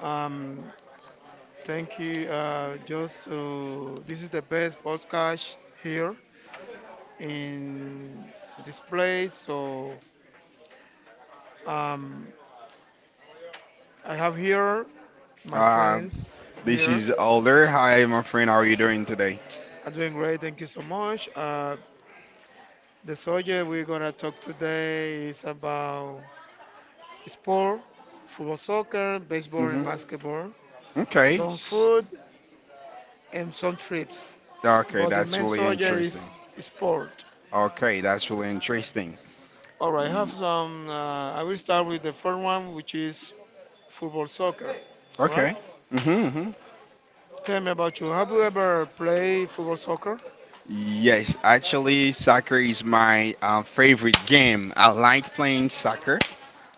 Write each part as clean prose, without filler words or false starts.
Um, Thank you. Just to, this is the best podcast here in this place. So um, I have here my Uh, friends this here. is Alder. Hi, my friend. How are you doing today? I'm doing great. Thank you so much. The subject we're gonna talk today is about sport, football, soccer, baseball, hmm and basketball, Okay. some food, and some trips. Okay, But the that's main really subject interesting. is sport. Okay, that's really interesting. All right, I have some. I will start with the first one, which is football soccer. All right. Okay. hmm hmm Tell me about you. Have you ever played football soccer? Yes, actually, soccer is my favorite game. I like playing soccer,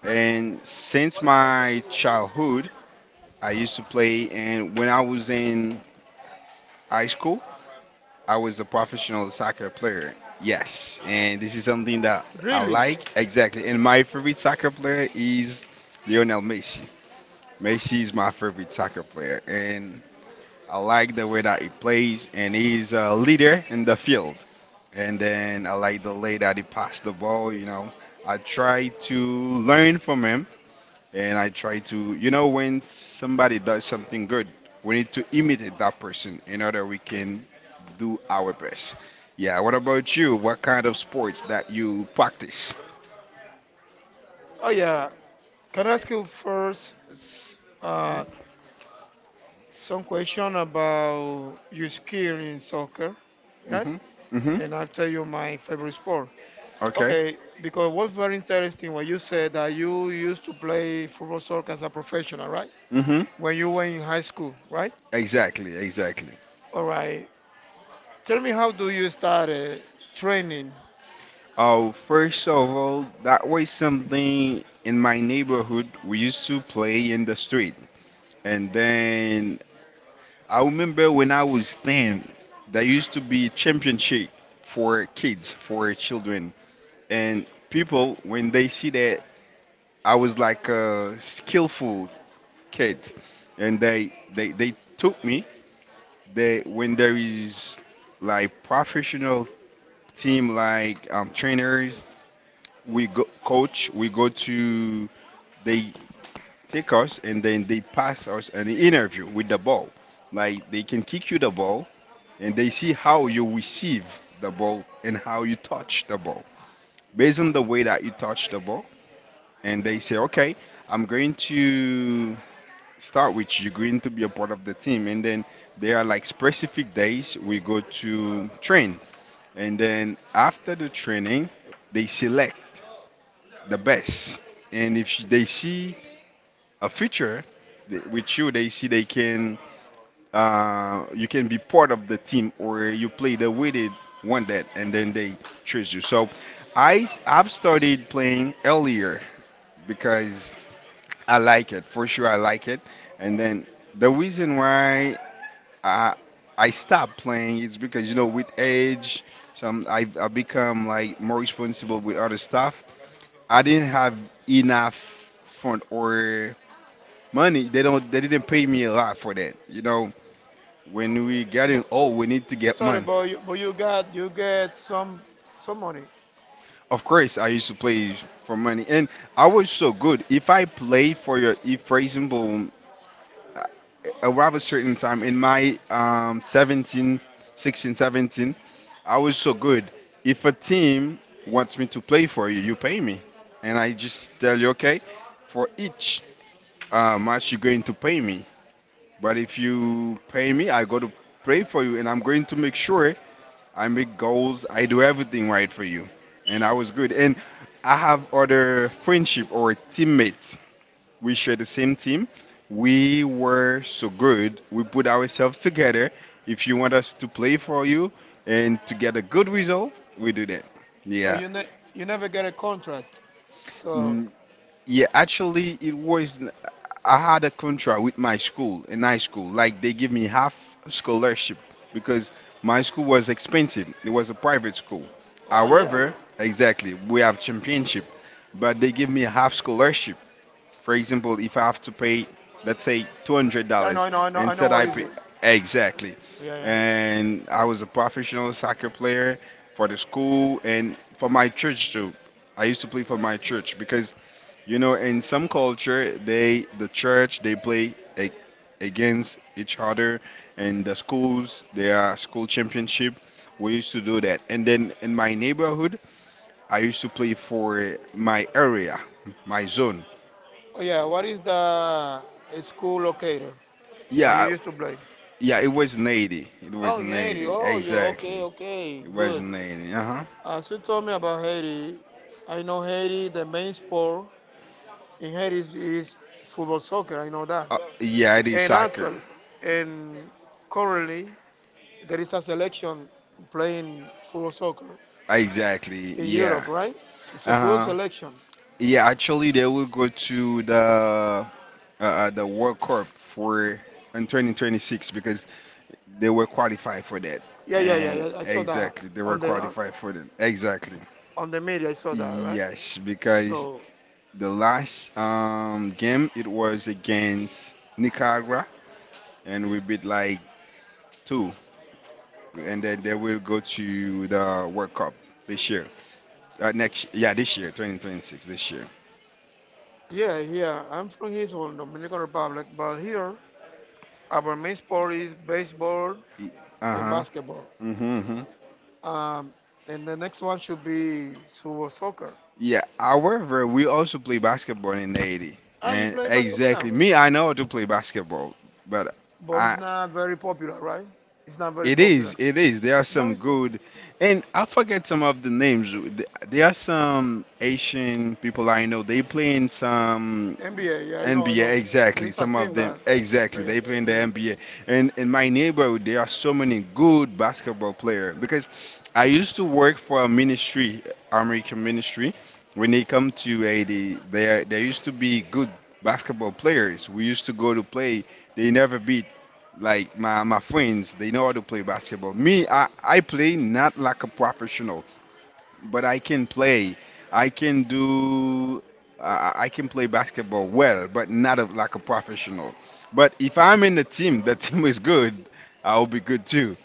and since my childhood, I used to play. And when I was in high school, I was a professional soccer player. Yes, and this is something that I Really? like exactly. And my favorite soccer player is Lionel Messi. Messi is my favorite soccer player, and I like the way that he plays, and he's a leader in the field. And then I like the way that he passed the ball. You know, I try to learn from him and I try to, you know, when somebody does something good, we need to imitate that person in order we can do our best. Yeah. What about you? What kind of sports that you practice? Oh yeah. Can I ask you first some question about your skill in soccer? Right? Mhm. Mhm. And I'll tell you my favorite sport. Okay. Okay, because what's very interesting when you said that you used to play football soccer as a professional, right? Mm-hmm. When you were in high school, right? Exactly, exactly. All right. Tell me, how do you start training? Oh, first of all, that was something in my neighborhood we used to play in the street. And then I remember when I was 10, there used to be championship for kids, for children. And people, when they see that I was like a skillful kid, and they took me, they, when there is like professional team, like trainers, we go, coach, we go to, they take us and then they pass us an interview with the ball. Like they can kick you the ball and they see how you receive the ball and how you touch the ball. Based on the way that you touch the ball, and they say, okay, I'm going to start with you, you're going to be a part of the team. And then there are like specific days we go to train. And then after the training, they select the best. And if they see a feature with you, they see they can you can be part of the team or you play the way they want that and then they choose you. So I've started playing earlier because I like it for sure. I like it, and then the reason why I I stopped playing is because you know with age, some I become like more responsible with other stuff. I didn't have enough fund or money. They didn't pay me a lot for that, you know. When we getting Bu- old, we need to get Sorry, money. But you got you get some money, Of course, I used to play for money, and I was so good. If I play for your, if for example, uh, around a certain time in my 17, 16, 17, I was so good. If a team wants me to play for you, you pay me, and I just tell you, okay, for each match you're going to pay me. But if you pay me, I got to pray for you, and I'm going to make sure I make goals. I do everything right for you, and I was good. And I have other friendship or teammates. We share the same team. We were so good. We put ourselves together. If you want us to play for you and to get a good result, we do that. so Yeah. You never get a contract. So, Yeah, actually, it was. I had a contract with my school in high school. Like they give me half scholarship because my school was expensive. It was a private school. oh yeah, However, exactly, we have championship, but they give me half scholarship. For example, if I have to pay, let's say, two hundred dollars I know. instead, What I is pay it? exactly. Yeah, yeah. And I was a professional soccer player for the school and for my church too. I used to play for my church because, you know, in some culture, the church they play a, against each other, and the schools they are school championship. We used to do that, and then in my neighborhood, I used to play for my area, my zone. Oh yeah, what is the school locator Yeah, where you I- used to play? yeah, it was an It was Oh, in an 80. Oh, you Exactly. okay? Okay, It was good. an Uh-huh. As you told me about Haiti, I know Haiti, the main sport in Haiti is football soccer. I know that. Yeah, it is And soccer. actually, and currently, there is a selection playing football soccer Exactly. in Europe, Yeah. right? It's a good Uh-huh. selection. Yeah, actually, they will go to the World Cup for in 2026 because they were qualified for that. Yeah, yeah, yeah, And yeah. I saw that exactly, they were on saw qualified for that. Exactly. The media. I saw that, right? Yes, because So the last game it was against Nicaragua, and we beat like two, and then they will go to the World Cup this year. Yeah, this year, 2026, this year. yeah, yeah. I'm from here, from Dominican Republic, but here our main sport is baseball Y- for Uh and huh. basketball. Mm-hmm. Um, and the next one should be Super Soccer. Yeah, however, we also play basketball in the 80. Are you And playing basketball exactly, now? basketball. Me, I know how to play basketball, but But I. it's not very it's popular, right? It's not very it is, popular. it is. There are Yeah. Now some it's popular. good, and I forget some of the names. There are some Asian people I know. They play in some NBA, yeah, N I B know. know. There Exactly. is a Some of team them, that, right? yeah, Exactly. Yeah, yeah, they yeah. play in yeah, the yeah. NBA. And in my neighborhood, there are so many good basketball players because I used to work for a ministry, American ministry when they come to Haiti, there used to be good basketball players. We used to go to play. They never beat like my friends. They know how to play basketball. Me, I play not like a professional, but I can play. I can do. I can play basketball well, but not a, like a professional. But if I'm in the team, the team is good. I'll be good too.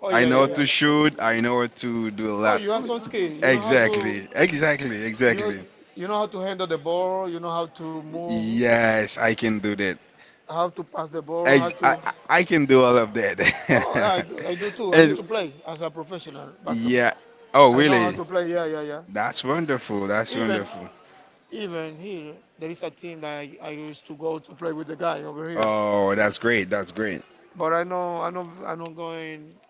Oh I yeah, know yeah, what yeah. to shoot. I know what to do a Oh, lot. you have some skill. Exactly. Exactly. you Exactly. you know how to handle the ball. You know how to move, Yes, I can do that. how to pass the ball, how Ex- I, to. I I can do all of Oh, yeah, that. I do too. I used And- to play as a professional basketball. yeah. Oh, I know how really? to play. Yeah, yeah, yeah. That's wonderful. That's Even wonderful. Even here, there is a team that I used to go to play with the guy over here. Oh, that's great. That's great. But I know I'm not going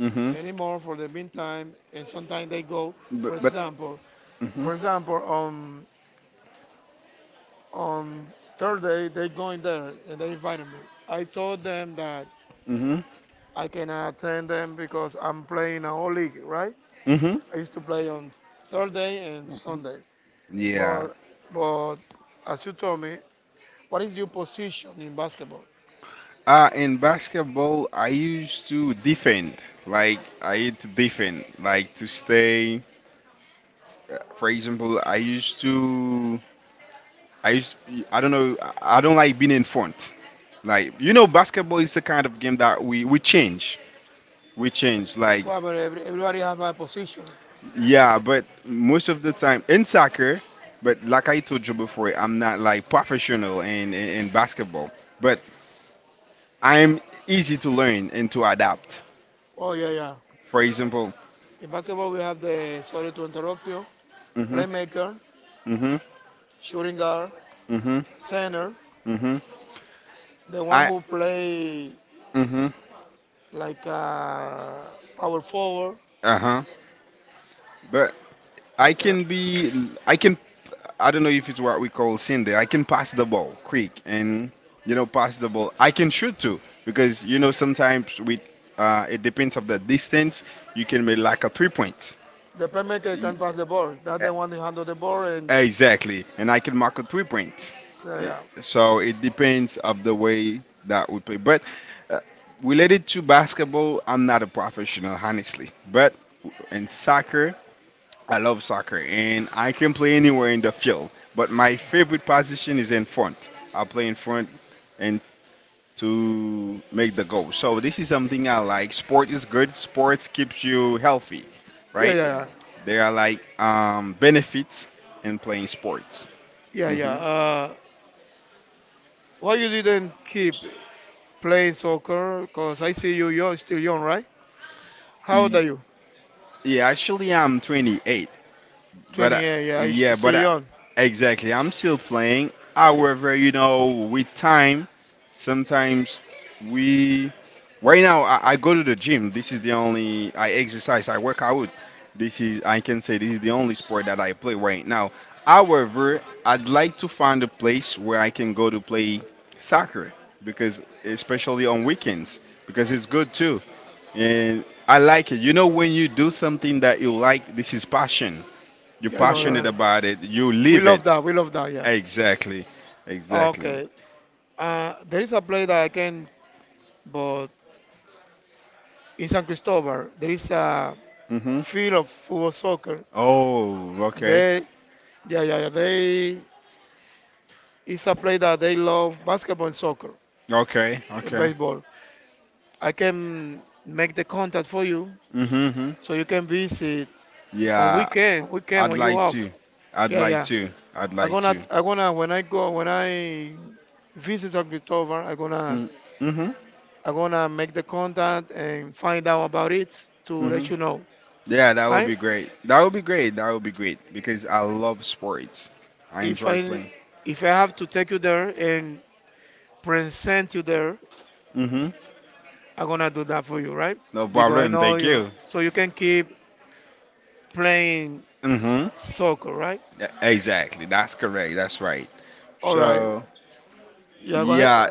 Mm-hmm. anymore for the meantime. And sometimes they go, for But example, hmm for example, on Thursday they going there and they invited me. I told them that hmm I cannot attend them because I'm playing a whole league, right? hmm I used to play on Thursday and Mhm. Sunday. Yeah. But but as you told me, what is your position in basketball? In basketball, I used to defend. Like, I used to defend. Like, to stay. For example, I used to. I used. I don't know. I don't like being in front. Like, you know, basketball is the kind of game that we change. we change like Well, but everybody have a position. yeah but most of the time in soccer but like I told you before I'm not like professional in basketball but I'm easy to learn and to adapt Oh yeah, yeah. for example In basketball, we have the sorry to interrupt you, mm playmaker, hmm mm shooting guard, hmm center, mm hmm mm hmm the one I who play mm hmm like power forward. uh-huh but Yeah. I can, I don't know if it's what we call Cindy. I can pass the ball quick and, you know, pass the ball. I can shoot too because, you know, sometimes with, it depends of the distance, you can make like a 3 points. The playmaker Y- can pass the ball. That's the one who handle the ball. And Exactly. And I can mark a 3 points. yeah, Eh, yeah, So it depends of the way that we play. But uh, related to basketball, I'm not a professional, honestly. But in soccer, I love soccer and I can play anywhere in the field, but my favorite position is in front. I play in front and to make the goal. So this is something I like. Sport is good. Sports keeps you healthy, yeah, right? yeah, There are like benefits in playing sports. yeah, yeah, yeah. hmm Why you didn't keep playing soccer? Cause I see you young, still young, right? How old are you? yeah, actually I'm 28. But I, 28. Yeah, you yeah, still young. exactly, I'm still playing. However, you know, with time, sometimes we. Right now, I go to the gym. This is the only I exercise. I work out. This is I can say this is the only sport that I play right now. However, I'd like to find a place where I can go to play soccer because especially on weekends because it's good too and I like it. You know when you do something that you like, this is passion you're Yeah, no, no, passionate no. about it. You We live it. love that. We love that. Yeah. Exactly. Exactly. Okay. There is a place that I can, but in San Cristobal, there is a Mm-hmm. field of football soccer. Oh, okay. They, yeah, yeah, yeah. They, it's a place that they love basketball and soccer Okay. and Okay. baseball. I can make the contact for you Mm-hmm. so you can visit on Yeah. Weekend I'd when you like to. off. Yeah, yeah. I'd like to. When I visit San Cristobal, Mm- Mhm. I'm gonna make the contact and find out about it to let Mhm. you know. Yeah, that would Right? be great. That would be great because I love sports. I If enjoy I playing. if I have to take you there and present you there, Mhm. I'm gonna do that for you, right? No Because I problem. know Thank you you. so you can keep playing Mhm. soccer, right? Yeah, exactly. That's correct. That's right. All right. So, Yeah, go ahead. yeah,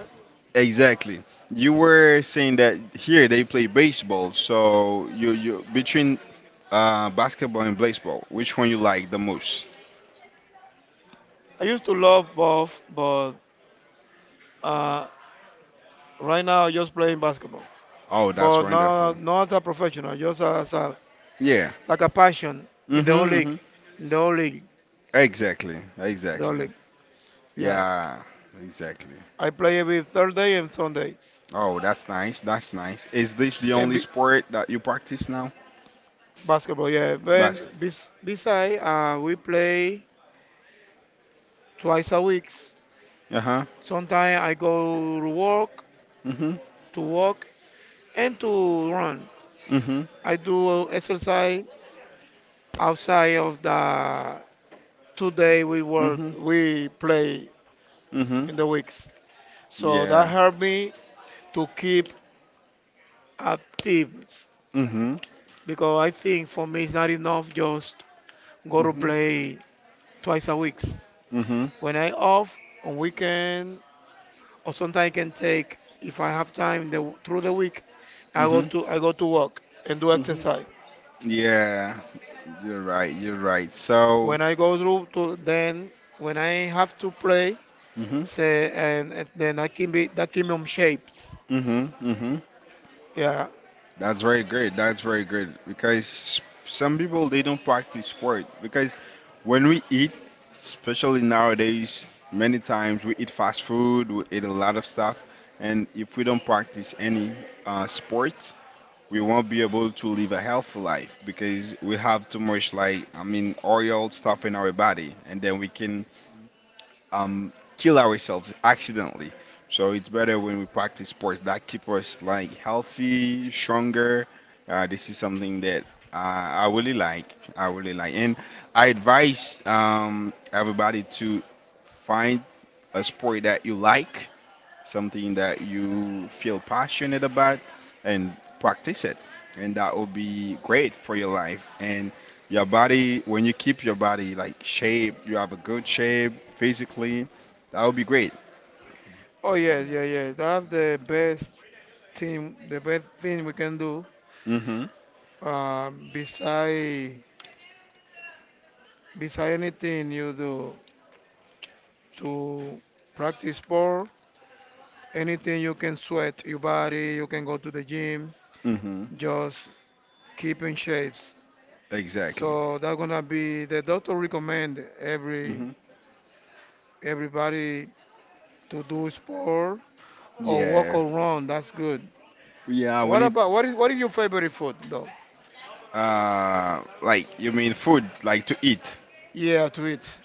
exactly. You were saying that here they play baseball. So, you between basketball and baseball, which one you like the most? I used to love both, but uh, right now I'm just playing basketball. Oh, that's But wonderful. Not as a professional, just as a Yeah. like a passion in the whole Mm-hmm, hmm league, in the whole league, Exactly. the whole Exactly. league. Yeah. Yeah, exactly. I play every Thursday and Sundays. Oh, that's nice. That's nice. Is this the And only be- sport that you practice now? Basketball, yeah. Then Basketball. Beside, we play twice a week. Uh-huh. Sometimes I go to work, Mm-hmm. to walk, and to run. Mm-hmm. I do exercise outside of the 2 day we work, Mm-hmm. we play Mhm. in the weeks. So that Yeah. helped me to keep active Mhm. because I think for me it's not enough just go to Mhm. play twice a week. Mhm. When I off on weekend or sometimes I can take if I have time through the week, Mhm. I go to work and do Mhm. exercise. Yeah. You're right. You're right. So. When I go through to then when I have to play, Mhm. say and then I can be that keep me on shapes. Mhm. Mhm. Yeah. That's very great. That's very great because some people they don't practice sport because when we eat, especially nowadays, many times we eat fast food, we eat a lot of stuff, and if we don't practice any sport, we won't be able to live a healthy life because we have too much like I mean oil stuff in our body, and then we can kill ourselves accidentally. So it's better when we practice sports that keep us like healthy, stronger. This is something that uh, I really like. I really like, and I advise everybody to find a sport that you like, something that you feel passionate about, and practice it, and that will be great for your life and your body. When you keep your body like shape, you have a good shape physically, that would be great. Oh yes, yeah, yeah. That's the best thing we can do. Mhm. Beside beside anything you do to practice sport. Anything you can sweat your body, you can go to the gym, Mhm. just keep in shapes. Exactly. So that's gonna be the doctor recommend Mhm. everybody to do sport or walk Yeah. or run. That's good. Yeah, we need. What is your favorite food though? Like, you mean food, like to eat? Yeah, to eat.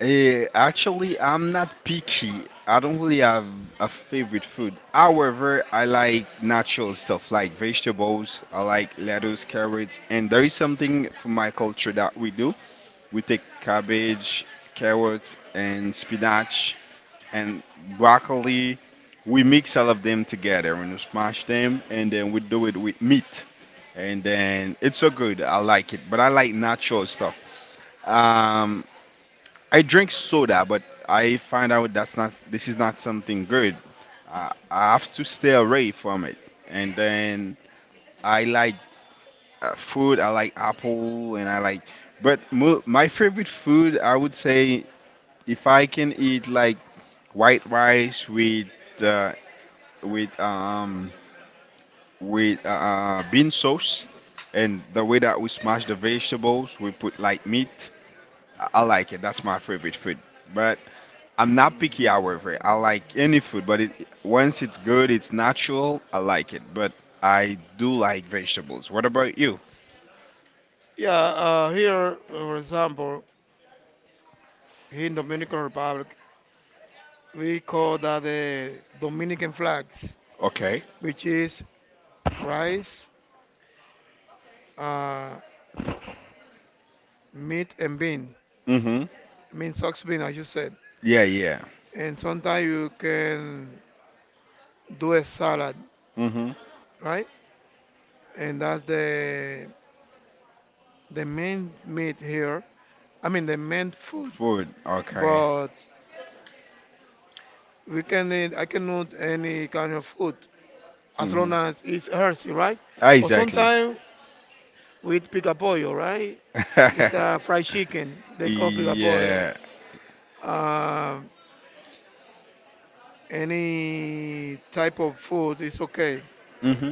Eh, actually, I'm not picky. I don't really have a favorite food. However, I like natural stuff like vegetables. I like lettuce, carrots, and there is something from my culture that we do. We take cabbage, carrots, and spinach, and broccoli. We mix all of them together and we smash them, and then we do it with meat. And then it's so good. I like it, but I like natural stuff. Um, I drink soda, but I find out that's not this is not something good. I have to stay away from it. And then I like food. I like apple, and I like. But my favorite food, I would say, if I can eat like white rice uh, with um with bean sauce, and the way that we smash the vegetables, we put like meat, I like it. That's my favorite food. But I'm not picky, however. I like any food, but it, once it's good, it's natural, I like it. But I do like vegetables. What about you? Yeah, here for example, here in Dominican Republic, we call that the Dominican flags, Okay. which is rice, uh, meat and bean, Mm-hmm. mean socks bean as you said. Yeah, yeah. And sometimes you can do a salad, Mm-hmm. right? And that's the main meat here. I mean the main food, Food. Okay. but we can eat. I can eat any kind of food as Mm-hmm. long as it's healthy, right? Ah, But exactly. sometimes we eat picapollo, right? It's a fried chicken. They call picapollo. yeah. Um, any type of food is okay, Mm-hmm.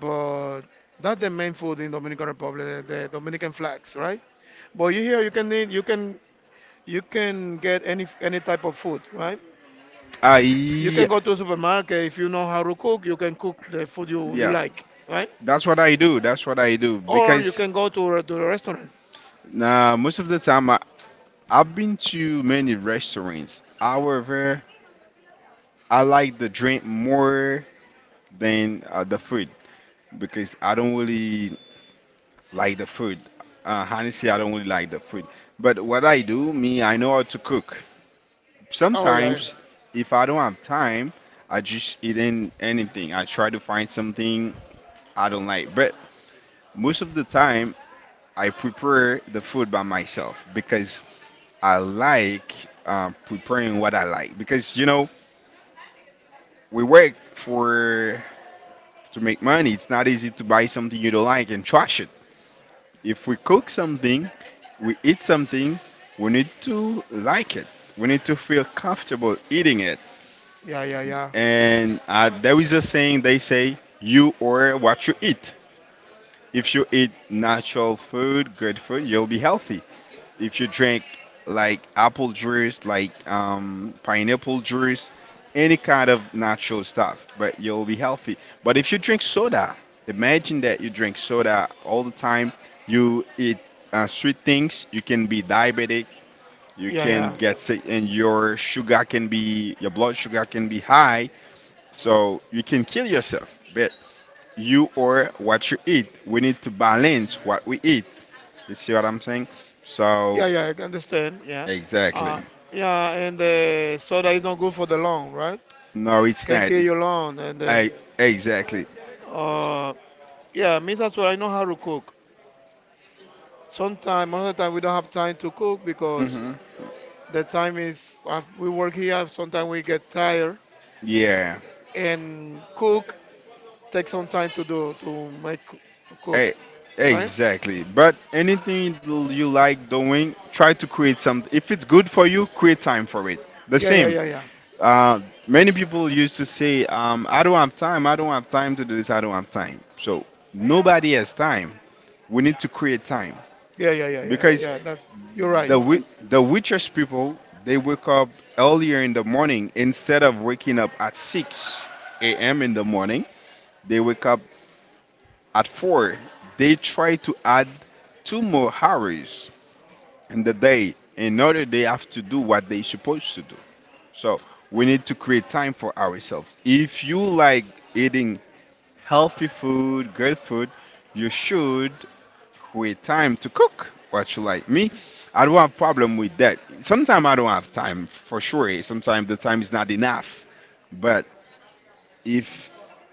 but that's the main food in Dominican Republic, the Dominican flags, right? But you here, you can get any type of food, right? Huh? You You can I go to a supermarket if you know how to cook. You can cook the food you yeah. like, right? That's what I do. That's what I do. Oh, you Or you because can go to to the restaurant. nah, most of the time I, I've been to many restaurants. However, I like the drink more than the food, because I don't really like the food. Honestly, I don't really like the food. But what I do, me, I know how to cook. Oh yeah, yeah, Sometimes, if I don't have time, I just eat in anything. I try to find something I don't like. But most of the time, I prepare the food by myself because I like preparing what I like. Because, you know, we work for to make money. It's not easy to buy something you don't like and trash it. If we cook something, we eat something, we need to like it. We need to feel comfortable eating it. yeah, yeah, yeah, And there is a saying they say, you are what you eat. If you eat natural food, good food, you'll be healthy. If you drink like apple juice, like pineapple juice, any kind of natural stuff, but you'll be healthy. But if you drink soda, imagine that you drink soda all the time, you eat sweet things, you can be diabetic, you yeah, can yeah, get sick, and your sugar can be, your blood sugar can be high, so you can kill yourself. But you or what you eat. We need to balance what we eat. You see what I'm saying? So, yeah, yeah, I can understand. Yeah, exactly. uh, yeah, and the soda is not good for the lung, right? No, it's Can not. kill It's your lung, and then I, exactly. uh, yeah, means as well. I know how to cook. Sometimes, most of the time, we don't have time to cook because Hmm. the time is we work here. Sometimes we get tired Yeah. and cook takes some time to do to make to cook, Hey, right? exactly. But anything you like doing, try to create some. If it's good for you, create time for it. The Yeah, yeah, same. yeah, Uh, many people used to say, "I don't have time. I don't have time to do this. I don't have time." So nobody has time. We need to create time yeah, yeah, yeah, yeah, yeah, because yeah, that's you're the right. wi- the richest people, they wake up earlier in the morning. Instead of waking up at 6 a.m. in the morning, they wake up at 4. They try to add 2 more hours in the day in order they have to do what they supposed to do. So we need to create time for ourselves. If you like eating healthy food, good food, you should with time to cook. What you like me? I don't have problem with that. Sometimes I don't have time for sure. Sometimes the time is not enough. But if,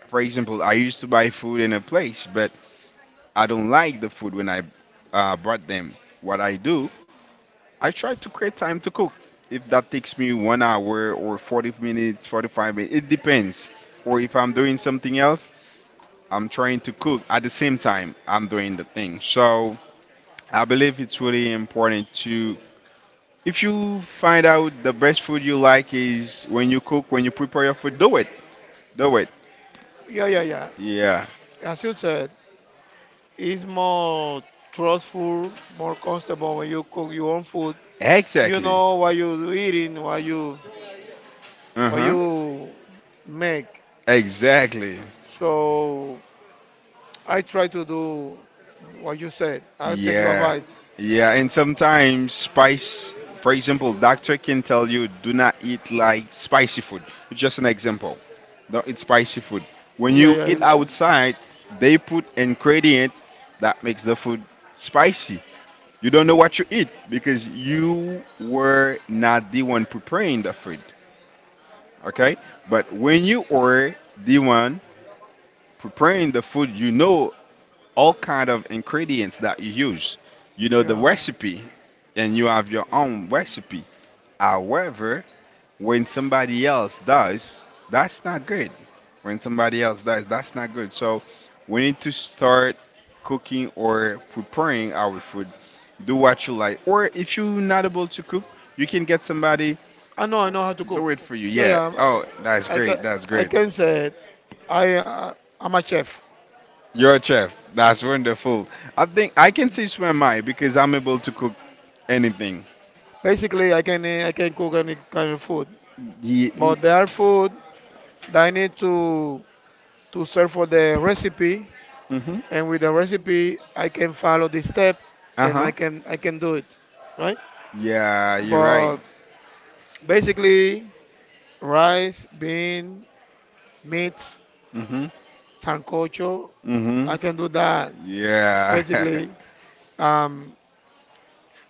for example, I used to buy food in a place, but I don't like the food when I brought them. What I do, I try to create time to cook. If that takes me 1 hour or 40 minutes, 45 minutes, it depends. Or if I'm doing something else, I'm trying to cook at the same time I'm doing the thing. So I believe it's really important to, if you find out the best food you like is when you cook, when you prepare your food, do it. Do it. Yeah, yeah, yeah. Yeah. As you said, it's more trustful, more comfortable when you cook your own food. You Exactly. know what you're eating, what Uh-huh. you make. Exactly. So I try to do what you said. I take your Yeah, advice. yeah, and sometimes spice, for example, doctor can tell you do not eat like spicy food. Just an example. Don't eat spicy food. When Yeah, you yeah. eat outside, they put ingredient that makes the food spicy. You don't know what you eat because you were not the one preparing the food. Okay? But when you were the one preparing the food, you know all kind of ingredients that you use. You know the Yeah. recipe, and you have your own recipe. However, when somebody else does, that's not good. When somebody else does, that's not good. So we need to start cooking or preparing our food. Do what you like. Or if you're not able to cook, you can get somebody I know. I know how to cook. do it for you. Yeah, Yeah. yeah. Oh, that's I can. great. That's I great. can say it. I. Uh, I'm a chef. You're a chef. That's wonderful. I think I can teach my mind because I'm able to cook anything. Basically, I can cook any kind of food. Ye- But there are food that I need to search for the recipe, Mhm. and with the recipe, I can follow the step, Uh and huh. I can do it. Right. Yeah, you're right. But basically, rice, bean, meat, Mhm. sancocho. I Mhm. can do that. Yeah. Basically, um,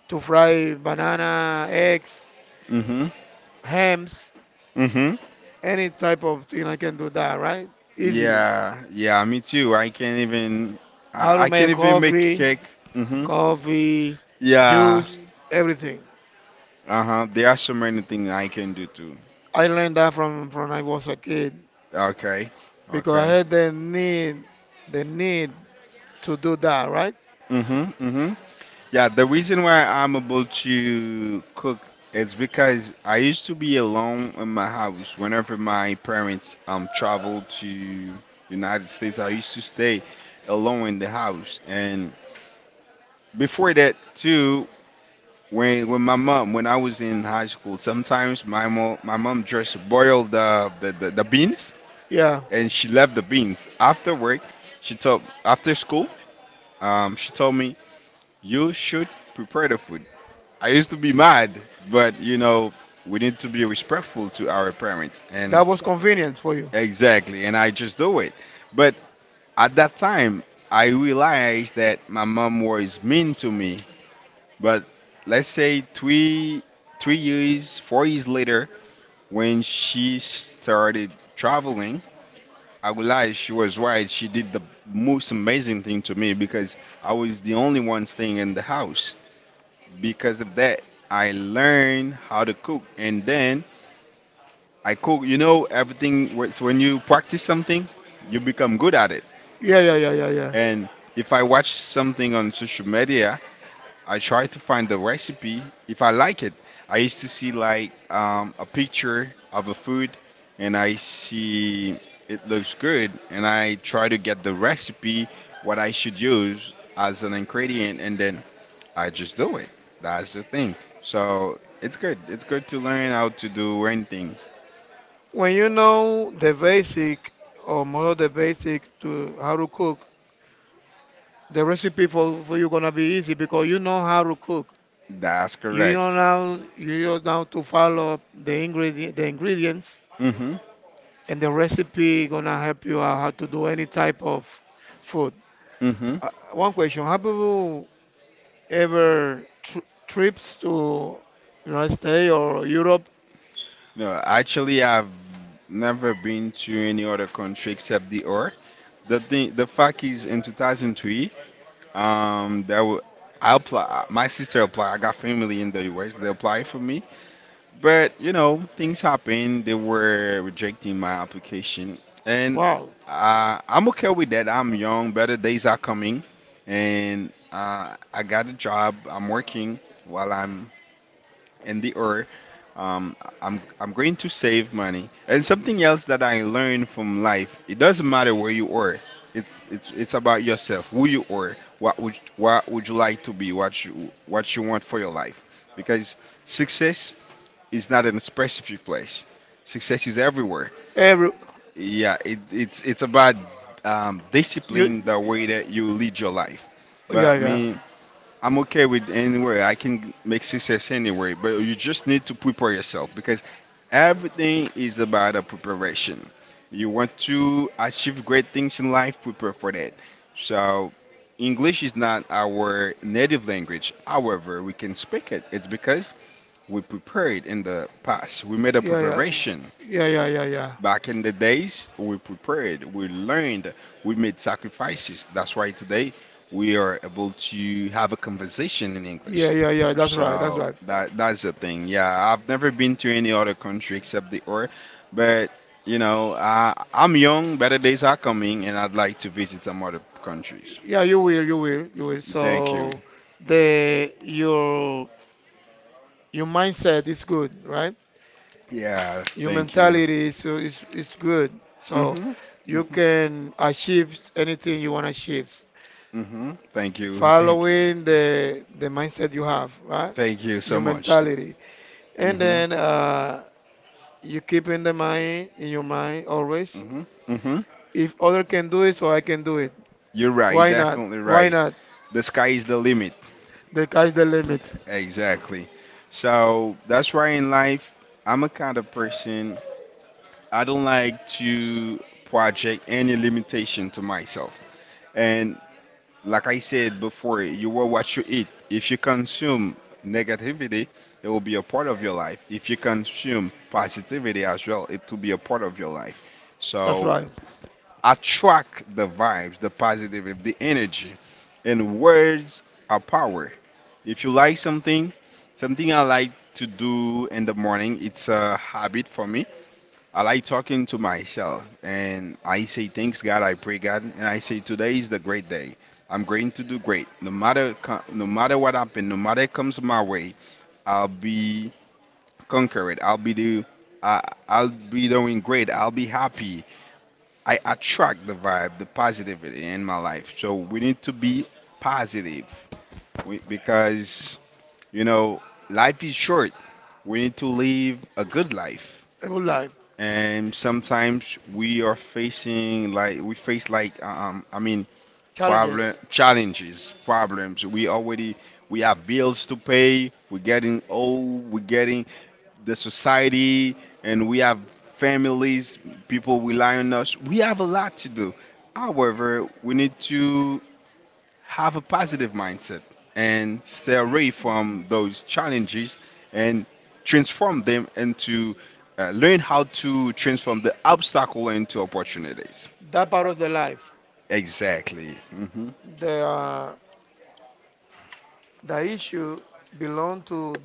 to fry banana, eggs, mhm. hams, Mhm. any type of thing. I can do that, right? Easily. Yeah. Yeah. Me too. I can't even. How I, to I make can't even make cake. Mhm. coffee, Yeah. juice, everything. Uh huh. There are so many things I can do too. I learned that from I was a kid Okay. because I Okay. had the need to do that, right? Mhm. Mhm. Yeah, the reason why I'm able to cook is because I used to be alone in my house whenever my parents traveled to United States. I used to stay alone in the house, and before that too, when my mom, when I was in high school, sometimes my mom just boiled the, the beans, Yeah, and she left the beans after work. She told after school, she told me you should prepare the food. I used to be mad, but you know, we need to be respectful to our parents, and that was convenient for you. exactly, and I just do it. But at that time, I realized that my mom was mean to me. But let's say three years, 4 years later, when she started traveling, I realized she was right. She did the most amazing thing to me because I was the only one staying in the house. Because of that, I learned how to cook, and then I cook. You know, everything. Works. When you practice something, you become good at it. Yeah, yeah, yeah, yeah, yeah. And if I watch something on social media, I try to find the recipe if I like it. I used to see like a picture of a food, and I see it looks good, and I try to get the recipe, what I should use as an ingredient, and then I just do it. That's the thing. So it's good. It's good to learn how to do anything. When you know the basic or more of the basic to how to cook, the recipe for you gonna be easy because you know how to cook. That's correct. You know now to follow the ingredients Mhm. and the recipe gonna help you out how to do any type of food. Mhm. One question: have you ever trips to United States or Europe? No, actually, I've never been to any other country except the or. The thing, the fact is, in 2003, um, that wa- I apply. My sister applied. I got family in the US. They applied for me, but you know, things happen. They were rejecting my application, and Wow, I'm okay with that. I'm young. Better days are coming, and I got a job. I'm working while I'm in the or um, I'm going to save money. And something else that I learned from life, it doesn't matter where you are. It's about yourself, who you are, what would you like to be, what you want for your life. Because success is not in a specific place. Success is everywhere. every Yeah, it's about you discipline, the way that you lead your life. yeah But yeah me, I'm okay with anywhere. I can make success anywhere, but you just need to prepare yourself because everything is about a preparation. You want to achieve great things in life, prepare for that. So, English is not our native language. However, we can speak it. It's because we prepared in the past. We made a yeah yeah preparation. yeah yeah yeah yeah Back in the days, we prepared, we learned, we made sacrifices. That's why today we are able to have a conversation in yeah English. yeah yeah. That's right. That's So right. that that's the thing. Yeah, I've never been to any other country except the or, but you know, I, I'm young, better days are coming, and I'd like to visit some other countries. Yeah, you will. Thank you. So the your mindset is good, right? Yeah, Your thank you. mentality is good. So Mhm. you Mhm. can achieve anything you want to achieve. Mhm. Thank you. Thank you. Following the mindset you have, right? Thank you so Your much. mentality. And Mhm. then you keep in the mind, in your mind always, Mhm. Mhm. if other can do it, so I can do it. You're right. Why not? Definitely Why right. not? The sky is the limit. The guy's the limit. Exactly. So that's why in life, I'm a kind of person, I don't like to project any limitation to myself. And like I said before, you are what you eat. If you consume negativity, it will be a part of your life. If you consume positivity as well, it will be a part of your life. That's So right. attract the vibes, the positive, the energy. And words are power. If you like something, something I like to do in the morning, it's a habit for me. I like talking to myself and I say, thanks God, I pray God, and I say, today is the great day. I'm going to do great. No matter what happens, no matter comes my way, I'll be conquered. I I'll be doing great. I'll be happy. I attract the vibe, the positivity in my life. So we need to be positive we, because, you know, life is short. We need to live a good life. A good life. And sometimes we are facing like we face like I mean problem Challenges. challenges, problems. We already we have bills to pay. We're getting old. We're getting the society and we have families, people rely on us. We have a lot to do. However, we need to have a positive mindset and stay away from those challenges and transform them into learn how to transform the obstacle into opportunities. That part of the life. Exactly. Hmm. The uh, The issue belong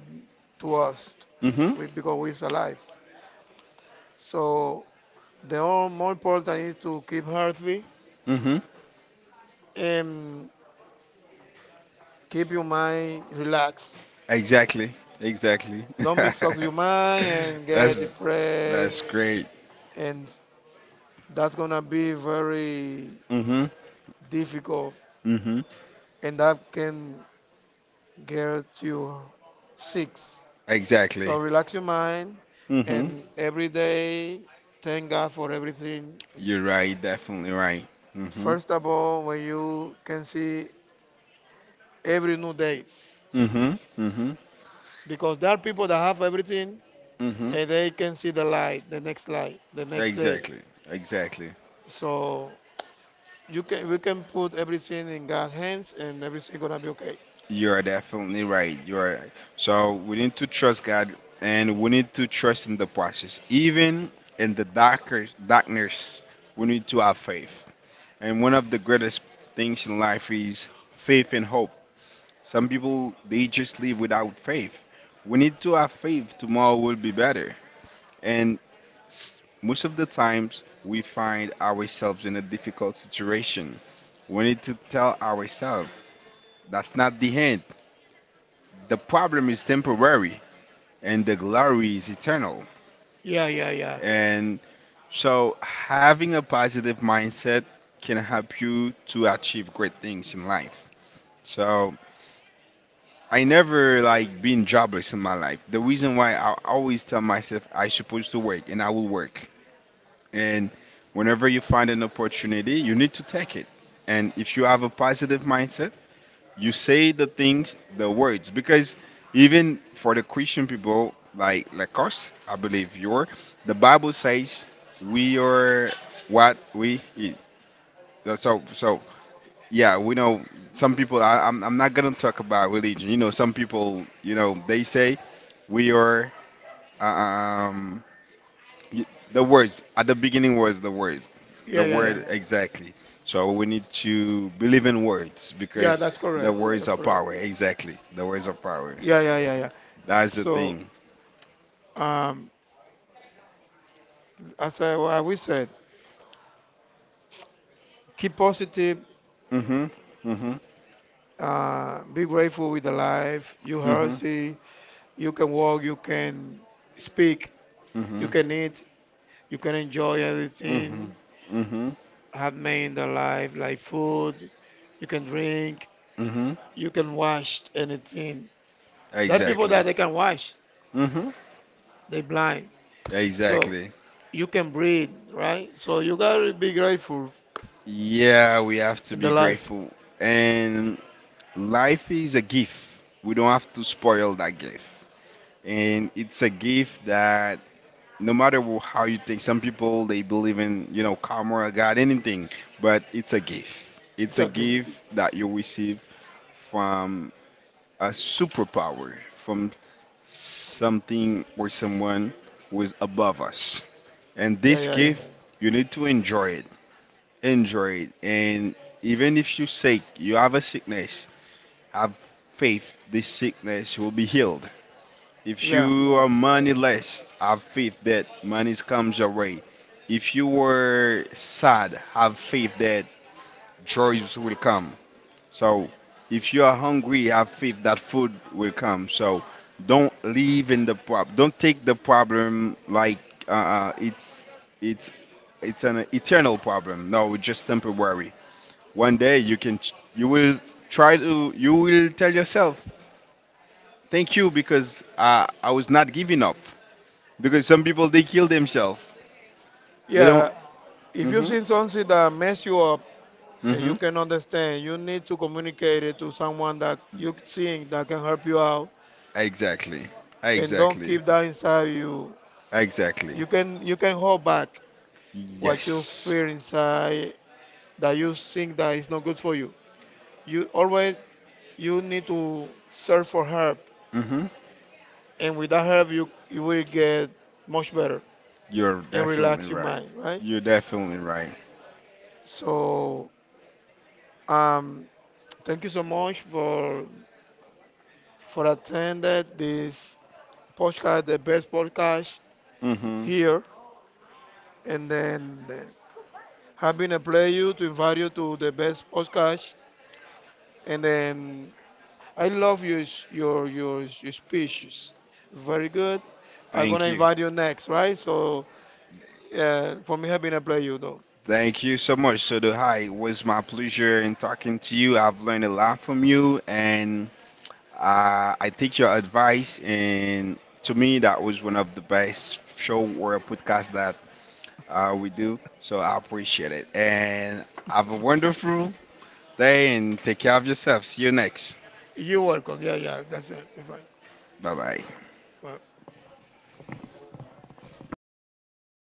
to us Hmm. we, because we're alive. So the all more important is to keep healthy Hmm. and keep your mind relaxed. Exactly. Exactly. Don't mix up your mind and get that's that's depressed, great. and that's gonna be very Hmm. difficult, Mm-hmm. and that can get you sick. Exactly. So relax your mind, Mm-hmm. and every day thank God for everything. You're right. Definitely right. Mm-hmm. First of all, when you can see every new days, Mm-hmm. Mm-hmm. because there are people that have everything Mm-hmm. and they can see the light, the next day. Exactly. Exactly. So you can we can put everything in God's hands and everything gonna be okay. You are definitely right. You are. Right. So we need to trust God, and we need to trust in the process, even in the darkest darkness. We need to have faith. And one of the greatest things in life is faith and hope. Some people they just live without faith. We need to have faith tomorrow will be better. And most of the times we find ourselves in a difficult situation. We need to tell ourselves that's not the end. The problem is temporary and the glory is eternal. Yeah, yeah, yeah, And so having a positive mindset can help you to achieve great things in life. So I never like been jobless in my life. The reason why I always tell myself I supposed to work and I will work. And whenever you find an opportunity, you need to take it. And if you have a positive mindset, you say the things, the words, because even for the Christian people like us, I believe you're, the Bible says we are what we eat. That's So yeah, we know some people. I'm not gonna talk about religion. You know, some people. You know, they say we are. Um, y- the words at the beginning was the words, yeah, the yeah, yeah. word exactly. So we need to believe in words Yeah, because that's the correct. words That's are correct. power. Exactly, the words are power. Yeah, yeah, yeah, yeah. That's the So, thing. um, what we said, keep positive, Mhm. Mhm. Be grateful with the life. You Mhm. healthy, you can walk, you can speak, you Mhm. can eat, you can enjoy Mhm. everything Mhm. handmade in the life, like food, you can drink, Mhm. you can wash anything. That people Exactly. that they can wash, Mm-hmm. they blind. So Exactly. you can breathe, right? So you gotta be grateful Yeah, we have to in the be life. grateful. And life is a gift. We don't have to spoil that gift. And it's a gift that no matter how you think, some people they believe in, you know, karma or God, anything, but it's a gift. It's It's a okay. gift that you receive from a superpower, from something or someone who is above us. And Yeah, this yeah, yeah. gift, you need to enjoy injured, and even if you sick, you have a sickness. Have faith this sickness will be healed. If Yeah. you are moneyless, have faith that money comes your way. If you were sad, have faith that joys will come. So, if you are hungry, have faith that food will come. So, don't live in the problem. Don't take the problem like uh, uh, it's it's it's an eternal problem. No, it's just temporary. One day you can you will try to you will tell yourself thank you because I was not giving up because some people they kill themselves. They don't. Yeah. If you Hmm. seen something that mess you up, and Hmm. you can understand. You need to communicate it to someone that you think that can help you out, Exactly. and don't Exactly. keep that inside you. Exactly. You can hold back what you Yes. feel inside that you think that is not good for you. You always You need to search for help, Hmm. and with that help, you will get much better You're and definitely relax your right. mind, right? You're definitely right. So um, thank you so much for attending this podcast, the best podcast Hmm. here and then have been a pleasure to invite you to the best podcast. And then I love your s- your speeches, very good. I'm gonna Thank you. invite you next, right? So for me, have been a pleasure though. Thank you so much, Sodo. Hi, it was my pleasure in talking to you. I've learned a lot from you, and I take your advice. And to me, that was one of the best show or podcast that we do. So I appreciate it. And have a wonderful day, and take care of yourself. See you next. You're welcome. Yeah, yeah, that's it. You're fine. Bye bye.